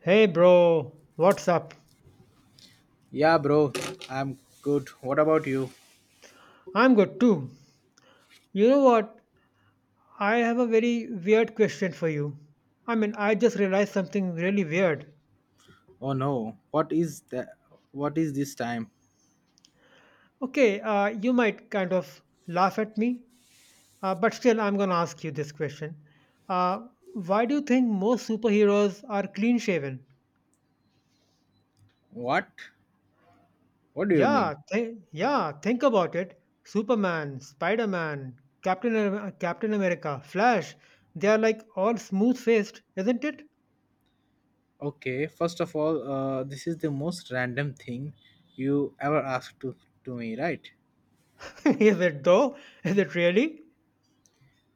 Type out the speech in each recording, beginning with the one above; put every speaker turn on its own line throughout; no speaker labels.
Hey bro, what's up?
Yeah, bro, I'm good. What about you?
I'm good too. You know what? I have a very weird question for you. I mean, I just realized something really weird.
Oh no, what is that? What is this time?
Okay, you might kind of laugh at me, but still, I'm gonna ask you this question. Uh, why do you think most superheroes are clean shaven?
What? What do you mean?
Yeah, yeah, think about it. Superman, Spider Man, Captain America, Flash, they are like all smooth faced, isn't it?
Okay, first of all, this is the most random thing you ever asked to me, right?
Is it though? Is it really?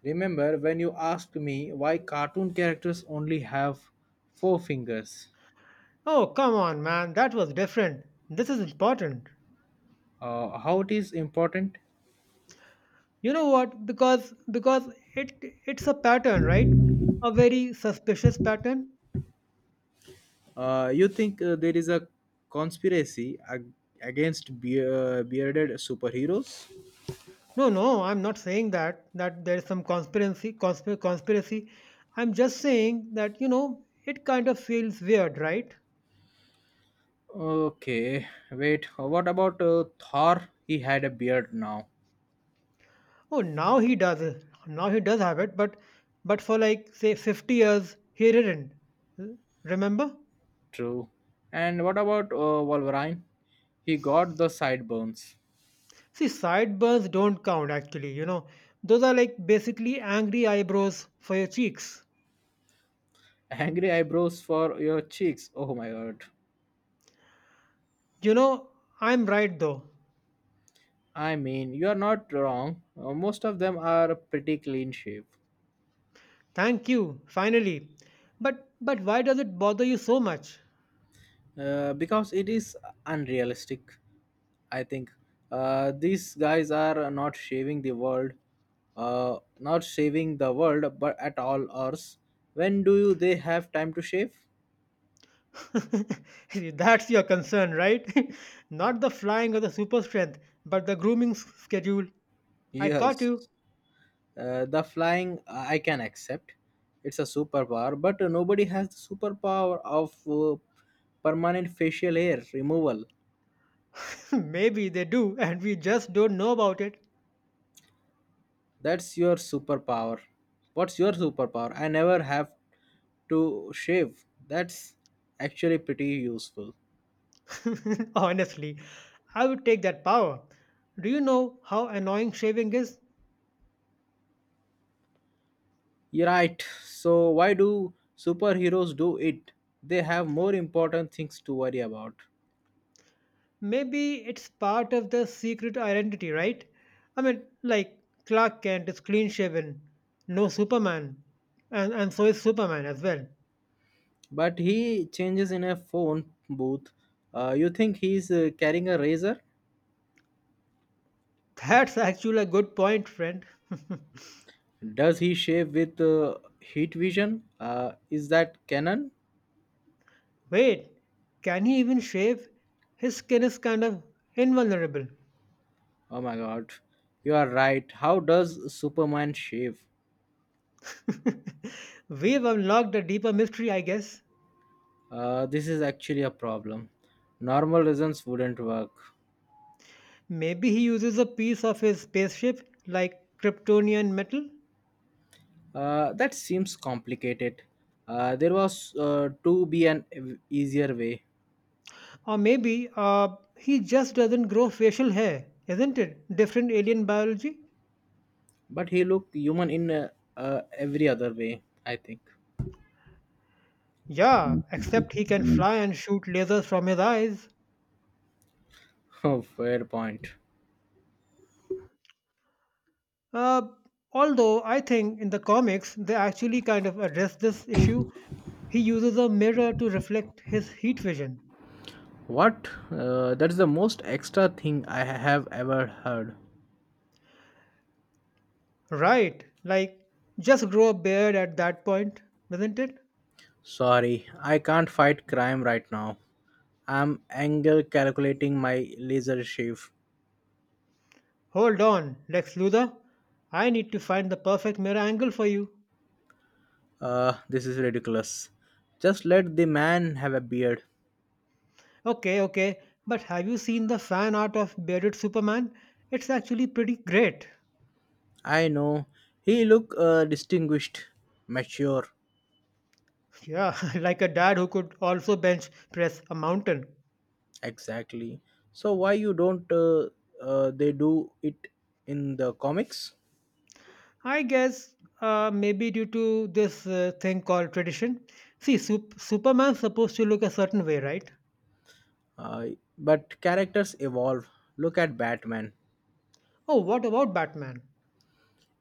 Remember when you asked me why cartoon characters only have four fingers?
Oh, come on, man. That was different. This is important.
How it is important?
You know what? Because it it's a pattern, right? A very suspicious pattern.
You think there is a conspiracy against bearded superheroes?
No, no, I'm not saying that there is some conspiracy. I'm just saying that, you know, it kind of feels weird, right?
Okay, wait. What about Thor? He had a beard now.
Oh, now he does it. Now he does have it, but for like say 50 years he didn't. Remember?
True. And what about Wolverine? He got the sideburns.
See, sideburns don't count actually, you know. Those are like basically angry eyebrows for your cheeks.
Angry eyebrows for your cheeks. Oh my god.
You know, I'm right though.
I mean, you are not wrong. Most of them are pretty clean shape.
Thank you, finally. But why does it bother you so much?
Because it is unrealistic. I think these guys are not saving the world, but at all hours. When they have time to shave?
That's your concern, right? Not the flying or the super strength, but the schedule. I caught you.
Yes, the flying I can accept. It's a superpower, but nobody has the superpower of permanent facial hair removal.
Maybe they do, and we just don't know about it.
That's your superpower. What's your superpower? I never have to shave. That's actually pretty useful.
Honestly, I would take that power. Do you know how annoying shaving is?
You're right. So why do superheroes do it? They have more important things to worry about.
Maybe it's part of the secret identity, right? I mean, like Clark Kent is clean shaven, no Superman, and so is Superman as well.
But he changes in a phone booth. You think he's carrying a razor?
That's actually a good point, friend.
Does he shave with heat vision? Is that canon?
Wait, can he even shave? His skin is kind of invulnerable.
Oh my god. You are right. How does Superman shave?
We've unlocked a deeper mystery, I guess.
This is actually a problem. Normal reasons wouldn't work.
Maybe he uses a piece of his spaceship, like Kryptonian metal?
That seems complicated. There was to be an easier way,
Or maybe he just doesn't grow facial hair, isn't it? Different alien biology?
but he looked human in every other way, I think.
Yeah, except he can fly and shoot lasers from his eyes.
Oh, fair point.
Uh, although I think in the comics they actually kind of address this issue. He uses a mirror to reflect his heat vision.
What? That's the most extra thing I have ever heard.
Right, like just grow a beard at that point, isn't it?
Sorry, I can't fight crime right now. I'm angle calculating my laser shave.
Hold on, Lex Luthor. I need to find the perfect mirror angle for you.
This is ridiculous. Just let the man have a beard.
Okay, okay, but have you seen the fan art of bearded Superman? It's actually pretty great.
I know. He look distinguished, mature.
Yeah, like a dad who could also bench press a mountain.
Exactly. So why you don't they do it in the comics?
I guess maybe due to this thing called tradition. See, Superman's supposed to look a certain way, right?
Uh, but characters evolve. Look at Batman.
Oh, what about Batman?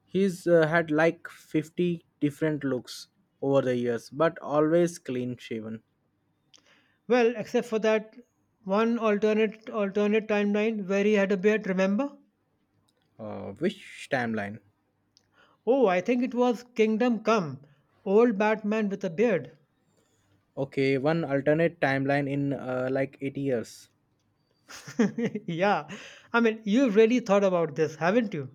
He's had like 50 different looks over the years, but always clean shaven.
Well, except for that one alternate timeline where he had a beard. Remember?
Which timeline?
Oh, I think it was Kingdom Come, old Batman with a beard.
Okay, one alternate timeline in like 80 years.
yeah, I mean, you've really thought about this, haven't you?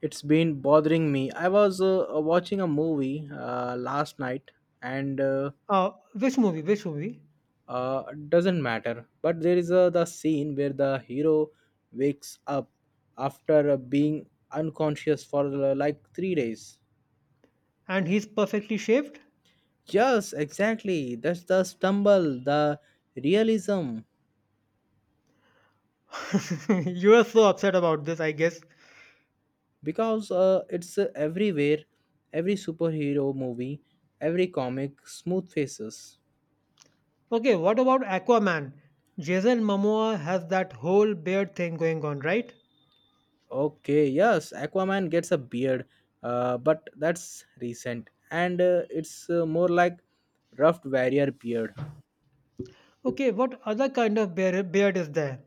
It's been bothering me. I was watching a movie last night and
Which movie? Which movie?
uh, doesn't matter. But there is the scene where the hero wakes up after being unconscious for like 3 days.
And he's perfectly shaved.
Yes, exactly. That's the stumble, the realism,
you are so upset about this, I guess.
because it's everywhere, every superhero movie, every comic, smooth faces.
Okay, what about Aquaman? Jason Momoa has that whole beard thing going on, right?
Okay, yes, Aquaman gets a beard, but that's recent, and it's more like rough warrior beard.
Okay, what other kind of beard is there?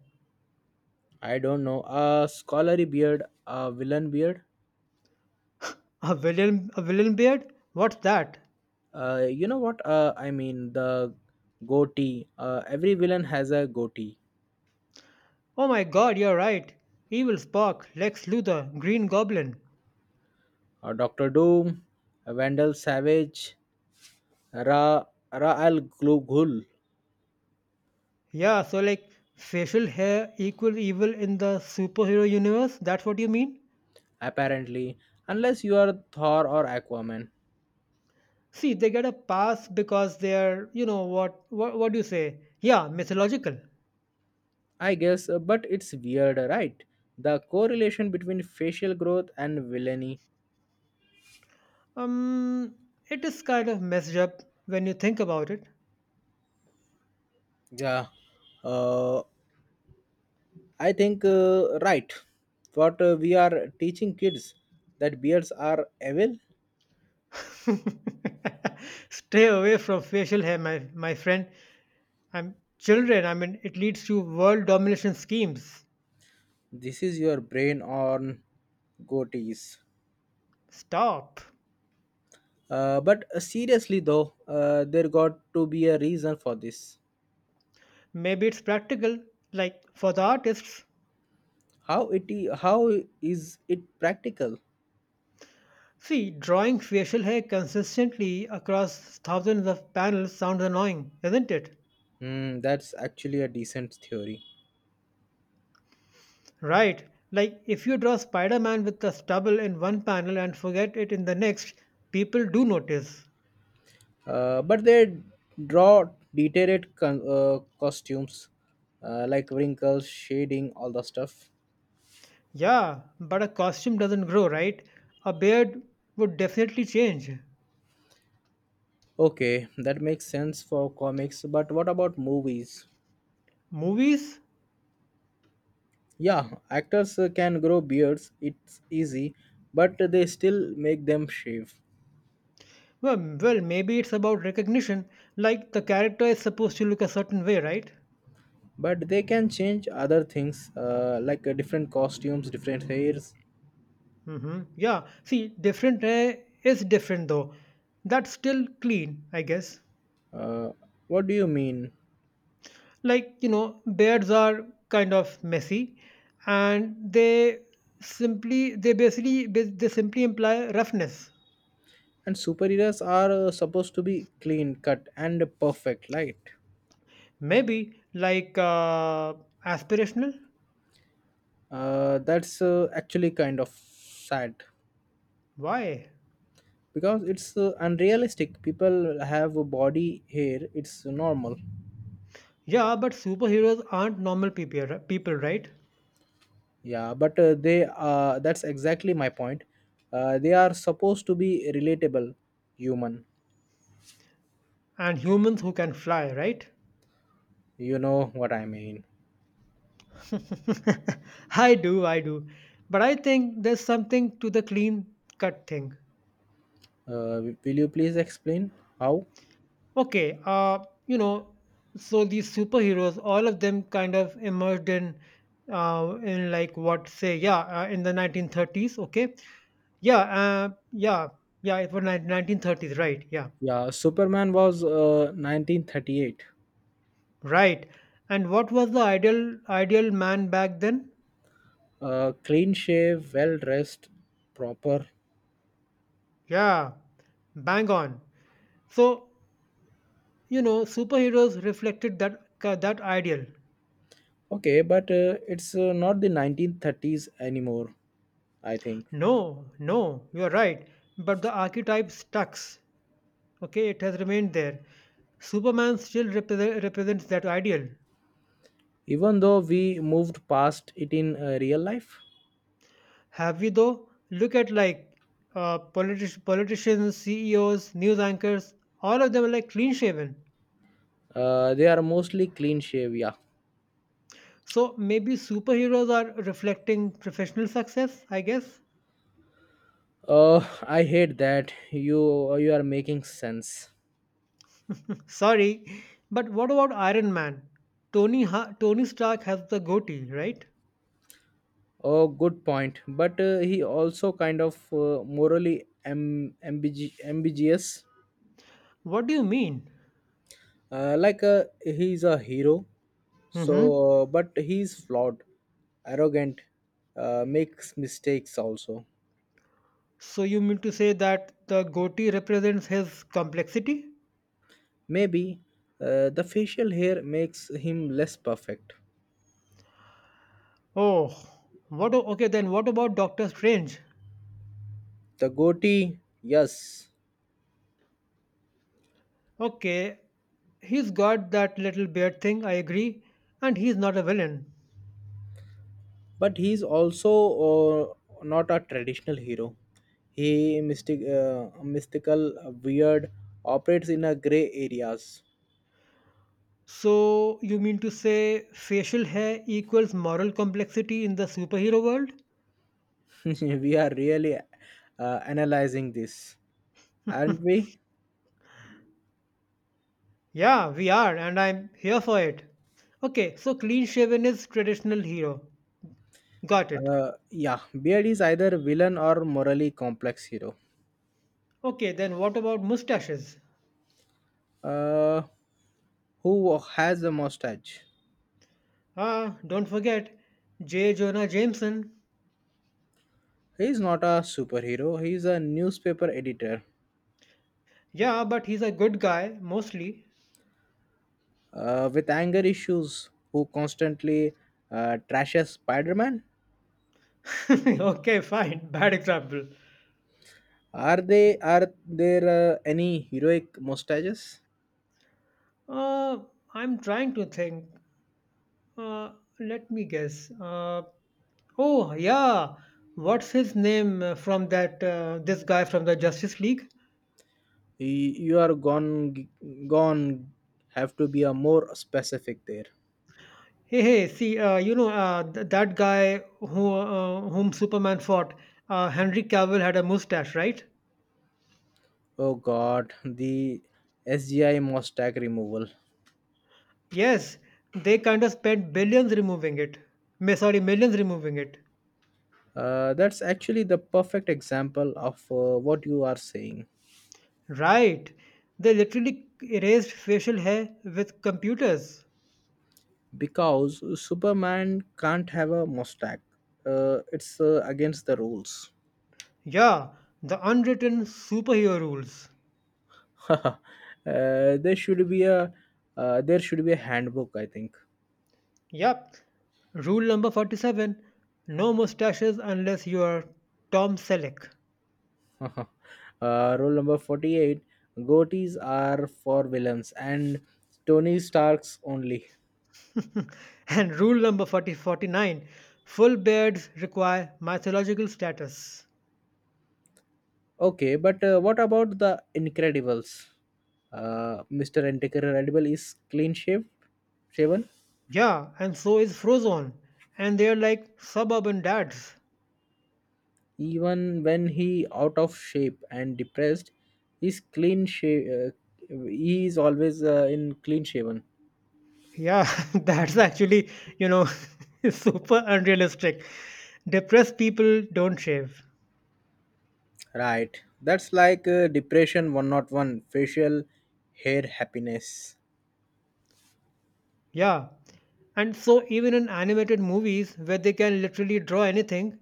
I don't know. A scholarly beard, a villain beard.
A villain beard? What's that?
You know what? I mean the goatee. Every villain has a goatee.
Oh my God, you're right. Evil Spock, Lex Luthor, Green Goblin.
Doctor Doom, Vandal Savage, Ra Ra al Ghul.
Yeah, so like facial hair equal evil in the superhero universe. That's what you mean?
Apparently, unless you are Thor or Aquaman,
See, they get a pass because they're, you know, what, what do you say? Yeah, mythological.
I guess. But it's weird, right? The correlation between facial growth and villainy.
Um, it is kind of messed up when you think about it.
Yeah. Uh, I think right. What we are teaching kids that beards are evil.
Stay away from facial hair, my friend. I'm children. I mean, it leads to world domination schemes.
This is your brain on goatees.
Stop.
But seriously though, there got to be a reason for this.
Maybe it's practical, like for the artists.
How is it practical?
See, drawing facial hair consistently across thousands of panels sounds annoying, isn't it?
Hmm, that's actually a decent theory.
Right. Like if you draw Spider-Man with the stubble in one panel and forget it in the next, people do notice.
But they draw detailed costumes like wrinkles, shading, all the stuff.
Yeah, but a costume doesn't grow, right? A beard would definitely change.
Okay, that makes sense for comics, but what about movies?
Movies?
Yeah, actors can grow beards, it's easy, but they still make them shave.
Well, well, maybe it's about recognition, like the character is supposed to look a certain way, right?
But they can change other things like different costumes, different hairs.
Mm-hmm. Yeah, see, different eh, is different though. That's still clean, I guess.
Uh, what do you mean?
Like, you know, beards are kind of messy and they simply imply roughness.
And superheroes are supposed to be clean cut and perfect, right?
Maybe like aspirational.
That's actually kind of sad
Why?
because it's unrealistic. People have a body hair, it's normal.
Yeah, but superheroes aren't normal people, right?
Yeah, but they that's exactly my point. They are supposed to be relatable human.
And humans who can fly, right?
You know what I mean.
I do. But I think there's something to the clean cut thing.
Will you please explain how?
Okay, you know, so these superheroes, all of them kind of emerged in like what say, yeah, in the 1930s. Okay, yeah, yeah, yeah, it was 1930s, right? Yeah,
Yeah, Superman was 1938.
right. And what was the ideal man back then?
Clean shave, well dressed, proper.
Yeah, bang on. So, you know, superheroes reflected that ideal.
Okay, but it's not the 1930s anymore, I think.
No, no, you're right. But the archetype stuck. Okay, it has remained there. Superman still represents that ideal.
Even though we moved past it in real life,
Have we though? Look at like politicians, CEOs, news anchors. All of them are like clean shaven.
they are mostly clean shave, yeah.
So maybe superheroes are reflecting professional success, I guess.
Oh, I hate that. You are making sense.
Sorry, but what about Iron Man? Tony Stark has the goatee, right?
Oh, good point. But he also kind of morally ambiguous.
What do you mean?
Like he's a hero, so
Mm-hmm.
but he's flawed, arrogant, makes mistakes also.
So you mean to say that the goatee represents his complexity?
Maybe the facial hair makes him less perfect.
Oh, what? Okay, then what about Doctor Strange?
The goatee, yes,
Okay, he's got that little beard thing. I agree, and he's not a villain.
but he's also uh, not a traditional hero he mystic uh, mystical weird operates in a gray areas.
So you mean to say facial hair equals moral complexity in the superhero world?
We are really analyzing this aren't we?
Yeah, we are, and I'm here for it. Okay, so clean shaven is traditional hero. Got it.
Yeah, beard is either villain or morally complex hero.
Okay, then what about mustaches?
Uh, who has a mustache?
Ah, don't forget J. Jonah Jameson.
He is not a superhero. He is a newspaper editor
Yeah, but he's a good guy, mostly.
with anger issues who constantly trashes Spider-Man.
okay, fine. Bad example.
Are they are there any heroic mustaches?
Uh, I'm trying to think. Uh, let me guess. Oh, yeah. What's his name from that, this guy from the Justice League?
You are gone have to be a more specific there.
Hey, hey, see, you know, that guy who, whom Superman fought, Henry Cavill had a mustache, right?
Oh god, the SGI mustache removal.
Yes, they kind of spent billions removing it. Sorry, millions removing it.
That's actually the perfect example of what you are saying
Right. They literally erased facial hair with computers.
because Superman can't have a mustache. It's against the rules.
Yeah, the unwritten superhero rules.
uh, there should be a there should be a handbook, I think.
Yep. Rule number 47 no mustaches unless you are Tom Selleck.
Rule number 48, goatees are for villains and Tony Stark's only.
and rule number 40 49, full beards require mythological status.
Okay, but what about the Incredibles? Mr. Incredible is clean shaven.
Yeah, and so is Frozone. And they're like suburban dads.
Even when he out of shape and depressed, he's clean sha- uh, he is always in clean shaven.
Yeah, that's actually, you know, super unrealistic. Depressed people don't shave.
Right. That's like depression 101 facial hair happiness.
Yeah. And so even in animated movies where they can literally draw anything,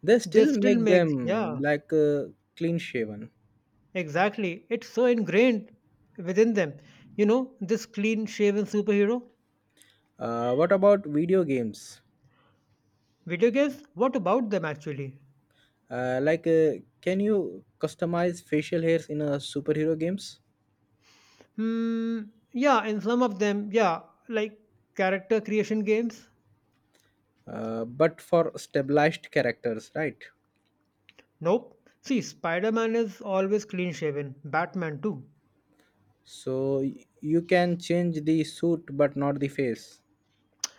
They
they
still
still
make
make
them
yeah,
like clean shaven.
exactly. It's so ingrained within them. You know, this clean shaven superhero
What about video games?
Video games? What about them actually?
Like, can you customize facial hairs in a superhero games?
Hmm, yeah, in some of them, yeah, like character creation games?
But for stabilized characters, right?
Nope. See, Spider Man is always clean shaven, Batman too.
So you can change the suit, but not the face.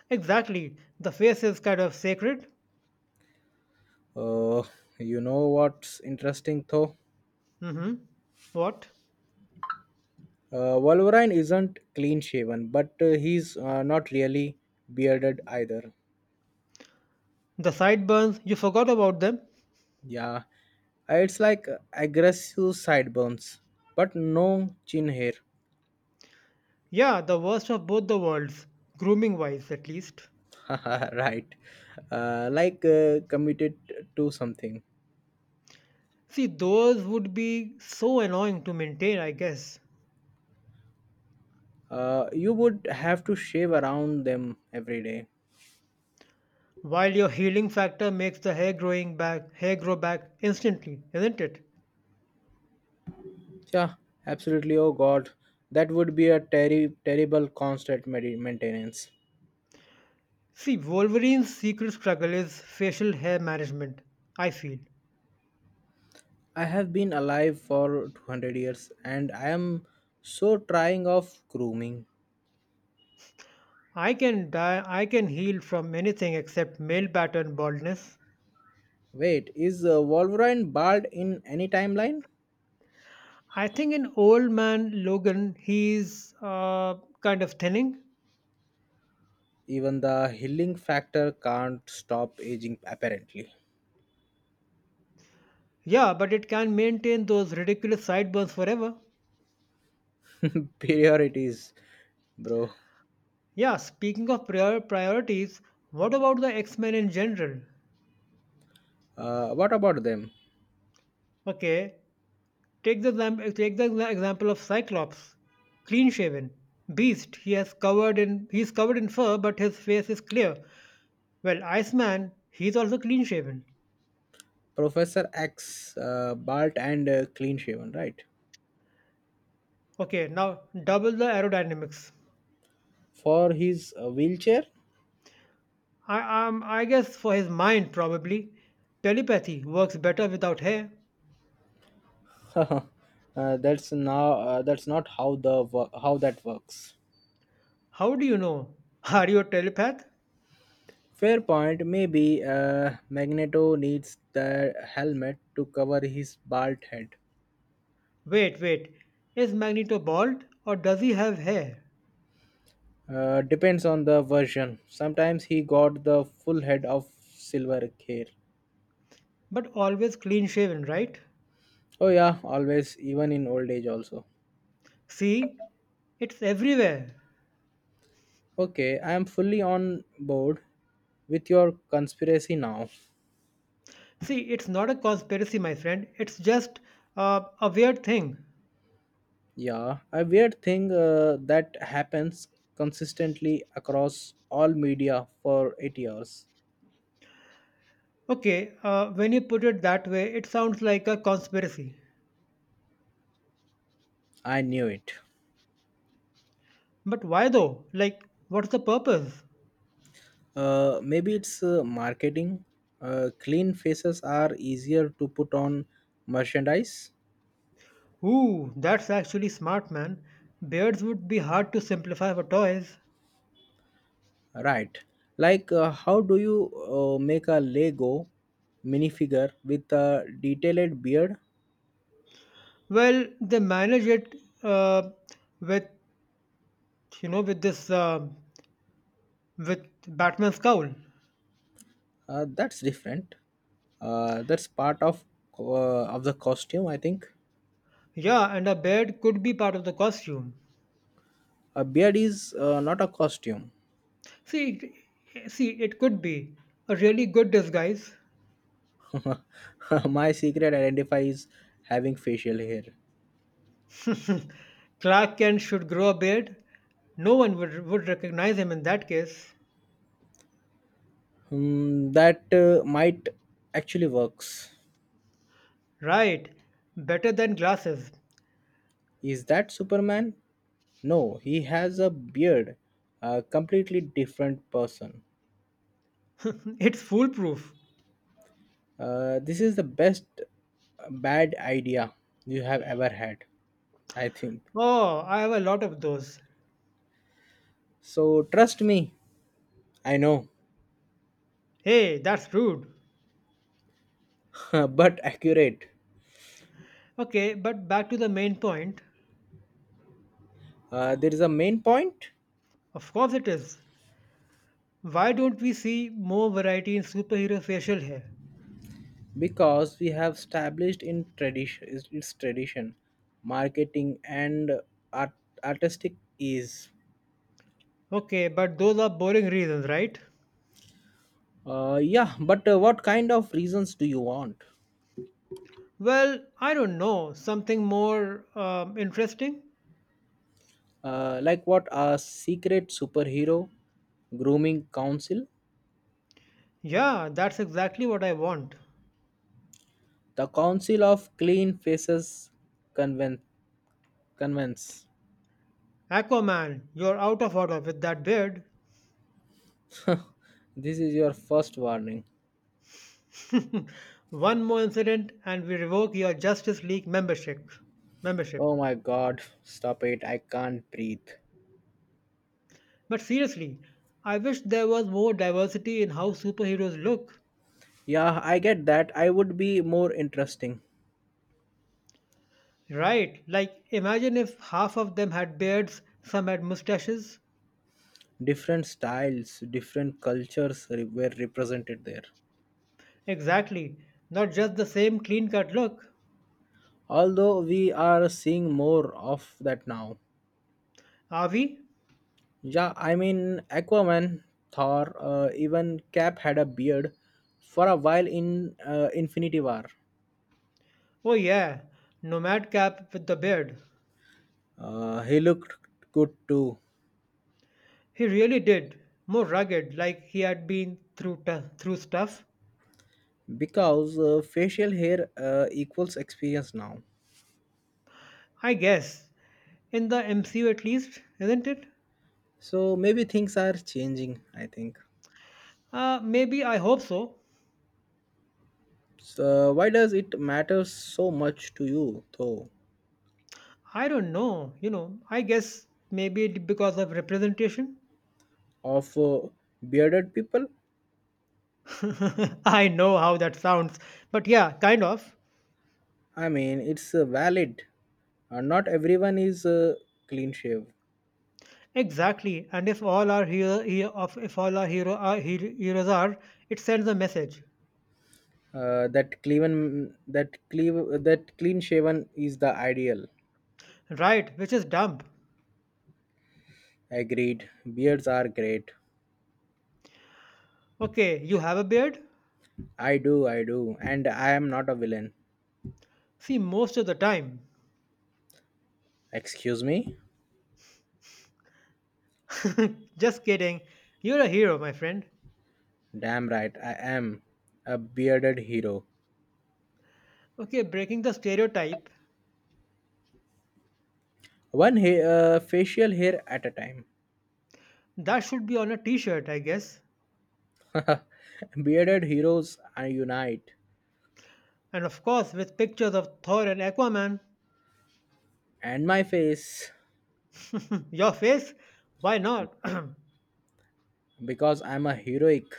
Exactly, the face is kind of sacred.
Uh, you know what's interesting though?
Mm hmm. What?
Wolverine isn't clean shaven, but he's not really bearded either.
The sideburns, you forgot about them?
Yeah, it's like aggressive sideburns, but no chin hair.
Yeah, the worst of both the worlds, grooming wise at least.
Right. Like committed to something.
See, those would be so annoying to maintain, I guess.
You would have to shave around them every day.
While your healing factor makes the hair grow back instantly, isn't it?
Yeah, absolutely. Oh God, that would be a terrible constant maintenance.
See, Wolverine's secret struggle is facial hair management, I feel.
I have been alive for 200 years and I am so trying of grooming.
I can heal from anything except male pattern baldness.
Wait, is Wolverine bald in any timeline?
I think in old man Logan he's kind of thinning.
Even the healing factor can't stop aging, apparently.
Yeah, but it can maintain those ridiculous sideburns forever.
Priorities, bro.
Yeah, speaking of priorities, what about the X-Men in general?
What about them?
Okay, Take the, exam- take the exa- example of Cyclops, clean shaven, beast. He is covered in fur, but his face is clear. Well, Iceman, he's also clean shaven.
Professor X, Bart, and Clean Shaven, right?
Okay, now double the aerodynamics.
For his wheelchair,
I guess for his mind probably, telepathy works better without hair.
uh, that's not how the how that works.
How do you know? Are you a telepath?
Fair point. Maybe Magneto needs the helmet to cover his bald head.
Wait, wait. Is Magneto bald or does he have hair?
Depends on the version. Sometimes he got the full head of silver hair.
But always clean shaven, right?
Oh yeah, always, even in old age also.
See, it's everywhere.
Okay, I am fully on board with your conspiracy now.
See, it's not a conspiracy, my friend. It's just a weird thing.
Yeah, a weird thing that happens consistently across all media for 8 years.
Okay, when you put it that way, it sounds like a conspiracy.
I knew it.
But why though? Like, what's the purpose?
Maybe it's marketing. Clean faces are easier to put on merchandise.
Ooh, that's actually smart, man. Beards would be hard to simplify for toys.
Right. Like, how do you make a Lego minifigure with a detailed beard?
Well, they manage it uh, with, you know, with this, with Batman's cowl.
That's different. That's part of of the costume, I think.
Yeah, and a beard could be part of the costume.
A beard is not a costume.
See, see, it could be a really good disguise.
My secret identifier is having facial hair.
Clark Kent should grow a beard. No one would recognize him in that case.
Hmm, that might actually works.
Right, better than glasses.
Is that Superman? No, he has a beard. A completely different person.
it's foolproof.
This is the best bad idea you have ever had, I think.
Oh, I have a lot of those.
So trust me, I know,
Hey, that's rude.
but accurate.
Okay, but back to the main point.
There is a main point
Of course it is. Why don't we see more variety in superhero facial hair?
because we have established in tradition is its tradition, marketing and art, artistic is.
Okay, but those are boring reasons, right?
Yeah, but what kind of reasons do you want?
Well, I don't know. Something more interesting?
Like what a secret superhero grooming council.
Yeah, that's exactly what I want.
The Council of Clean Faces conven- convents.
Aquaman, you're out of order with that beard.
This is your first warning.
One more incident and we revoke your Justice League membership.
Oh my god, stop it. I can't breathe.
But seriously, I wish there was more diversity in how superheroes look.
Yeah, I get that. I would be more interesting.
Right, like imagine if half of them had beards, some had mustaches.
Different styles, different cultures were represented there.
Exactly, not just the same clean cut look.
Although we are seeing more of that now.
Are we?
Yeah, I mean, Aquaman, Thor, even Cap had a beard for a while in Infinity War.
Oh, yeah, Nomad Cap with the beard.
He looked good too
He really did, more rugged, like he had been through stuff.
because facial hair equals experience now.
I guess. In the MCU at least, isn't it?
So maybe things are changing, I think.
Maybe I hope so.
So why does it matter so much to you though
I don't know. You know, I guess maybe it because of representation.
of bearded people?
I know how that sounds, but yeah, kind of.
I mean, it's valid. Not everyone is clean shave.
Exactly. And if all our hero, hero of if all our hero, heroes are, it sends a message,
That clean shaven is the ideal.
right? Which is dumb.
Agreed. Beards are great.
Okay, you have a beard.
I do, and I am not a villain.
See, most of the time.
Excuse me?
Just kidding. You're a hero, my friend.
Damn right, I am a bearded hero.
Okay, breaking the stereotype.
One facial hair at a time.
That should be on a t shirt, I guess.
Bearded heroes I unite.
And of course, with pictures of Thor and Aquaman.
And my face,
Your face? Why not?
because I'm a heroic.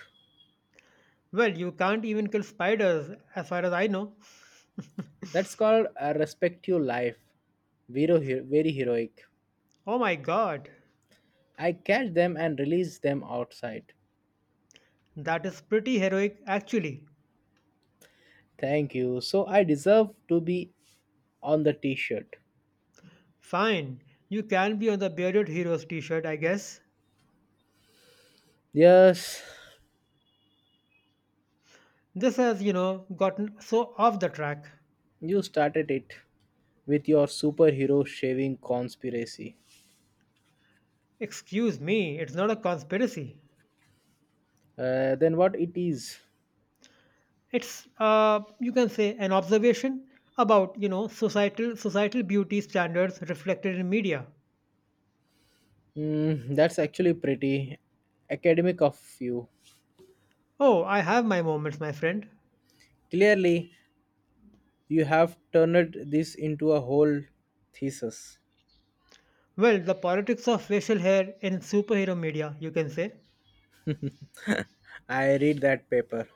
well, you can't even kill spiders, as far as I know.
That's called a respect your life. Very heroic.
Oh my god,
I catch them and release them outside.
that is pretty heroic, actually.
Thank you. So I deserve to be on the t shirt.
Fine, you can be on the Bearded Heroes t shirt, I guess.
Yes,
This has, you know, gotten so off the track.
you started it with your superhero shaving conspiracy.
Excuse me, it's not a conspiracy.
Than what it is.
It's you can say an observation about you know societal beauty standards reflected in media.
Mm, that's actually pretty academic of you.
Oh, I have my moments, my friend.
Clearly, you have turned this into a whole thesis.
Well, the politics of facial hair in superhero media, you can say.
I read that paper.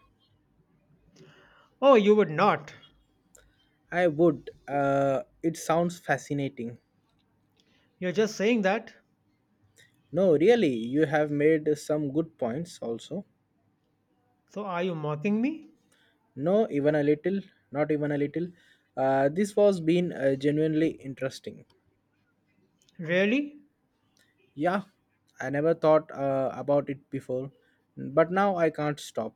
Oh, you would not.
I would. It sounds fascinating.
You're just saying that.
No, really, you have made some good points also.
So are you mocking me?
No, not even a little. This was been genuinely interesting.
Really?
Yeah, I never thought about it before, but now I can't stop.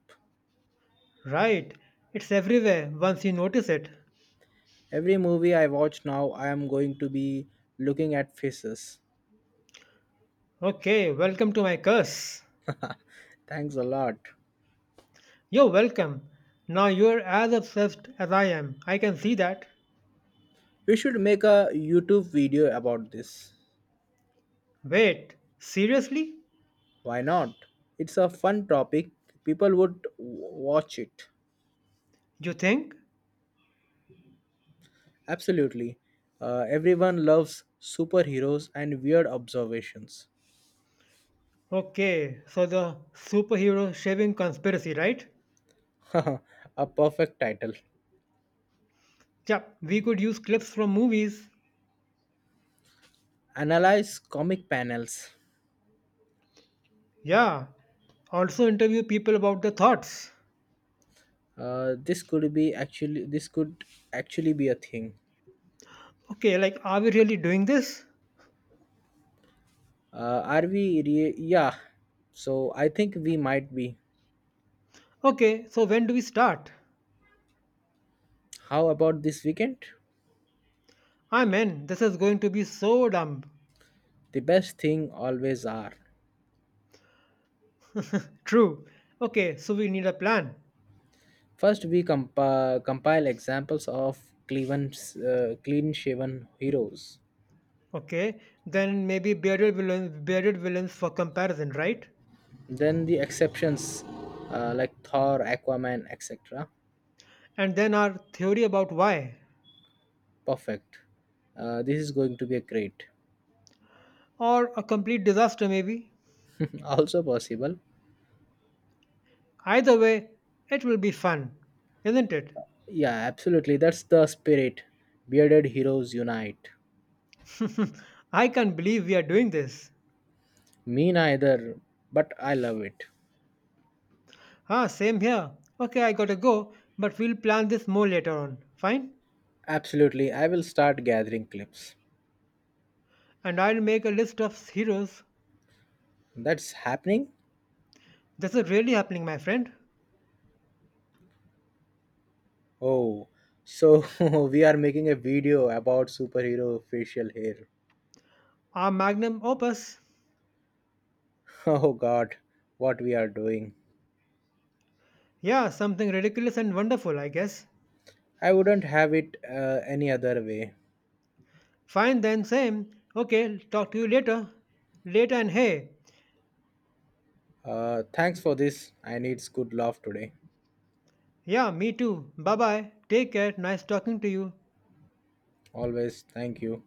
Right. It's everywhere once you notice it.
Every movie I watch now, I am going to be looking at faces.
Okay, welcome to my curse.
Thanks a lot.
You're welcome. Now you're as obsessed as I am. I can see that.
We should make a YouTube video about this.
Wait, seriously?
Why not? It's a fun topic. People would watch it.
You think?
Absolutely. Everyone loves superheroes and weird observations.
Okay, so the superhero shaving conspiracy, right?
A perfect title.
Yeah, we could use clips from movies.
Analyze comic panels.
Yeah, also interview people about the thoughts.
This could actually be a thing.
Okay, like, are we really doing this?
Are we? Yeah. So I think we might be.
Okay, so when do we start?
How about this weekend?
I'm in. This is going to be so dumb.
The best thing always are.
True. Okay, so we need a plan.
First, we compile examples of Cleveland's clean shaven heroes.
Okay, then maybe bearded villains for comparison, right?
Then the exceptions like Thor, Aquaman, etc.
And then our theory about why.
Perfect. This is going to be a great.
Or a complete disaster, maybe.
Also possible.
Either way, it will be fun, isn't it?
Yeah, absolutely. That's the spirit. Bearded heroes unite.
I can't believe we are doing this.
Me neither, but I love it.
Ah, same here. Okay, I gotta go, but we'll plan this more later on. Fine?
Absolutely, I will start gathering clips.
And I'll make a list of heroes.
That's happening?
This is really happening, my friend.
Oh, so we are making a video about superhero facial hair.
Our magnum opus.
Oh god, what we are doing.
Yeah, something ridiculous and wonderful, I guess.
I wouldn't have it any other way.
Fine then, same. Okay, talk to you later. Later and hey.
Thanks for this. I needs good love today.
Yeah, me too. Bye bye. Take care. Nice talking to you.
Always thank you.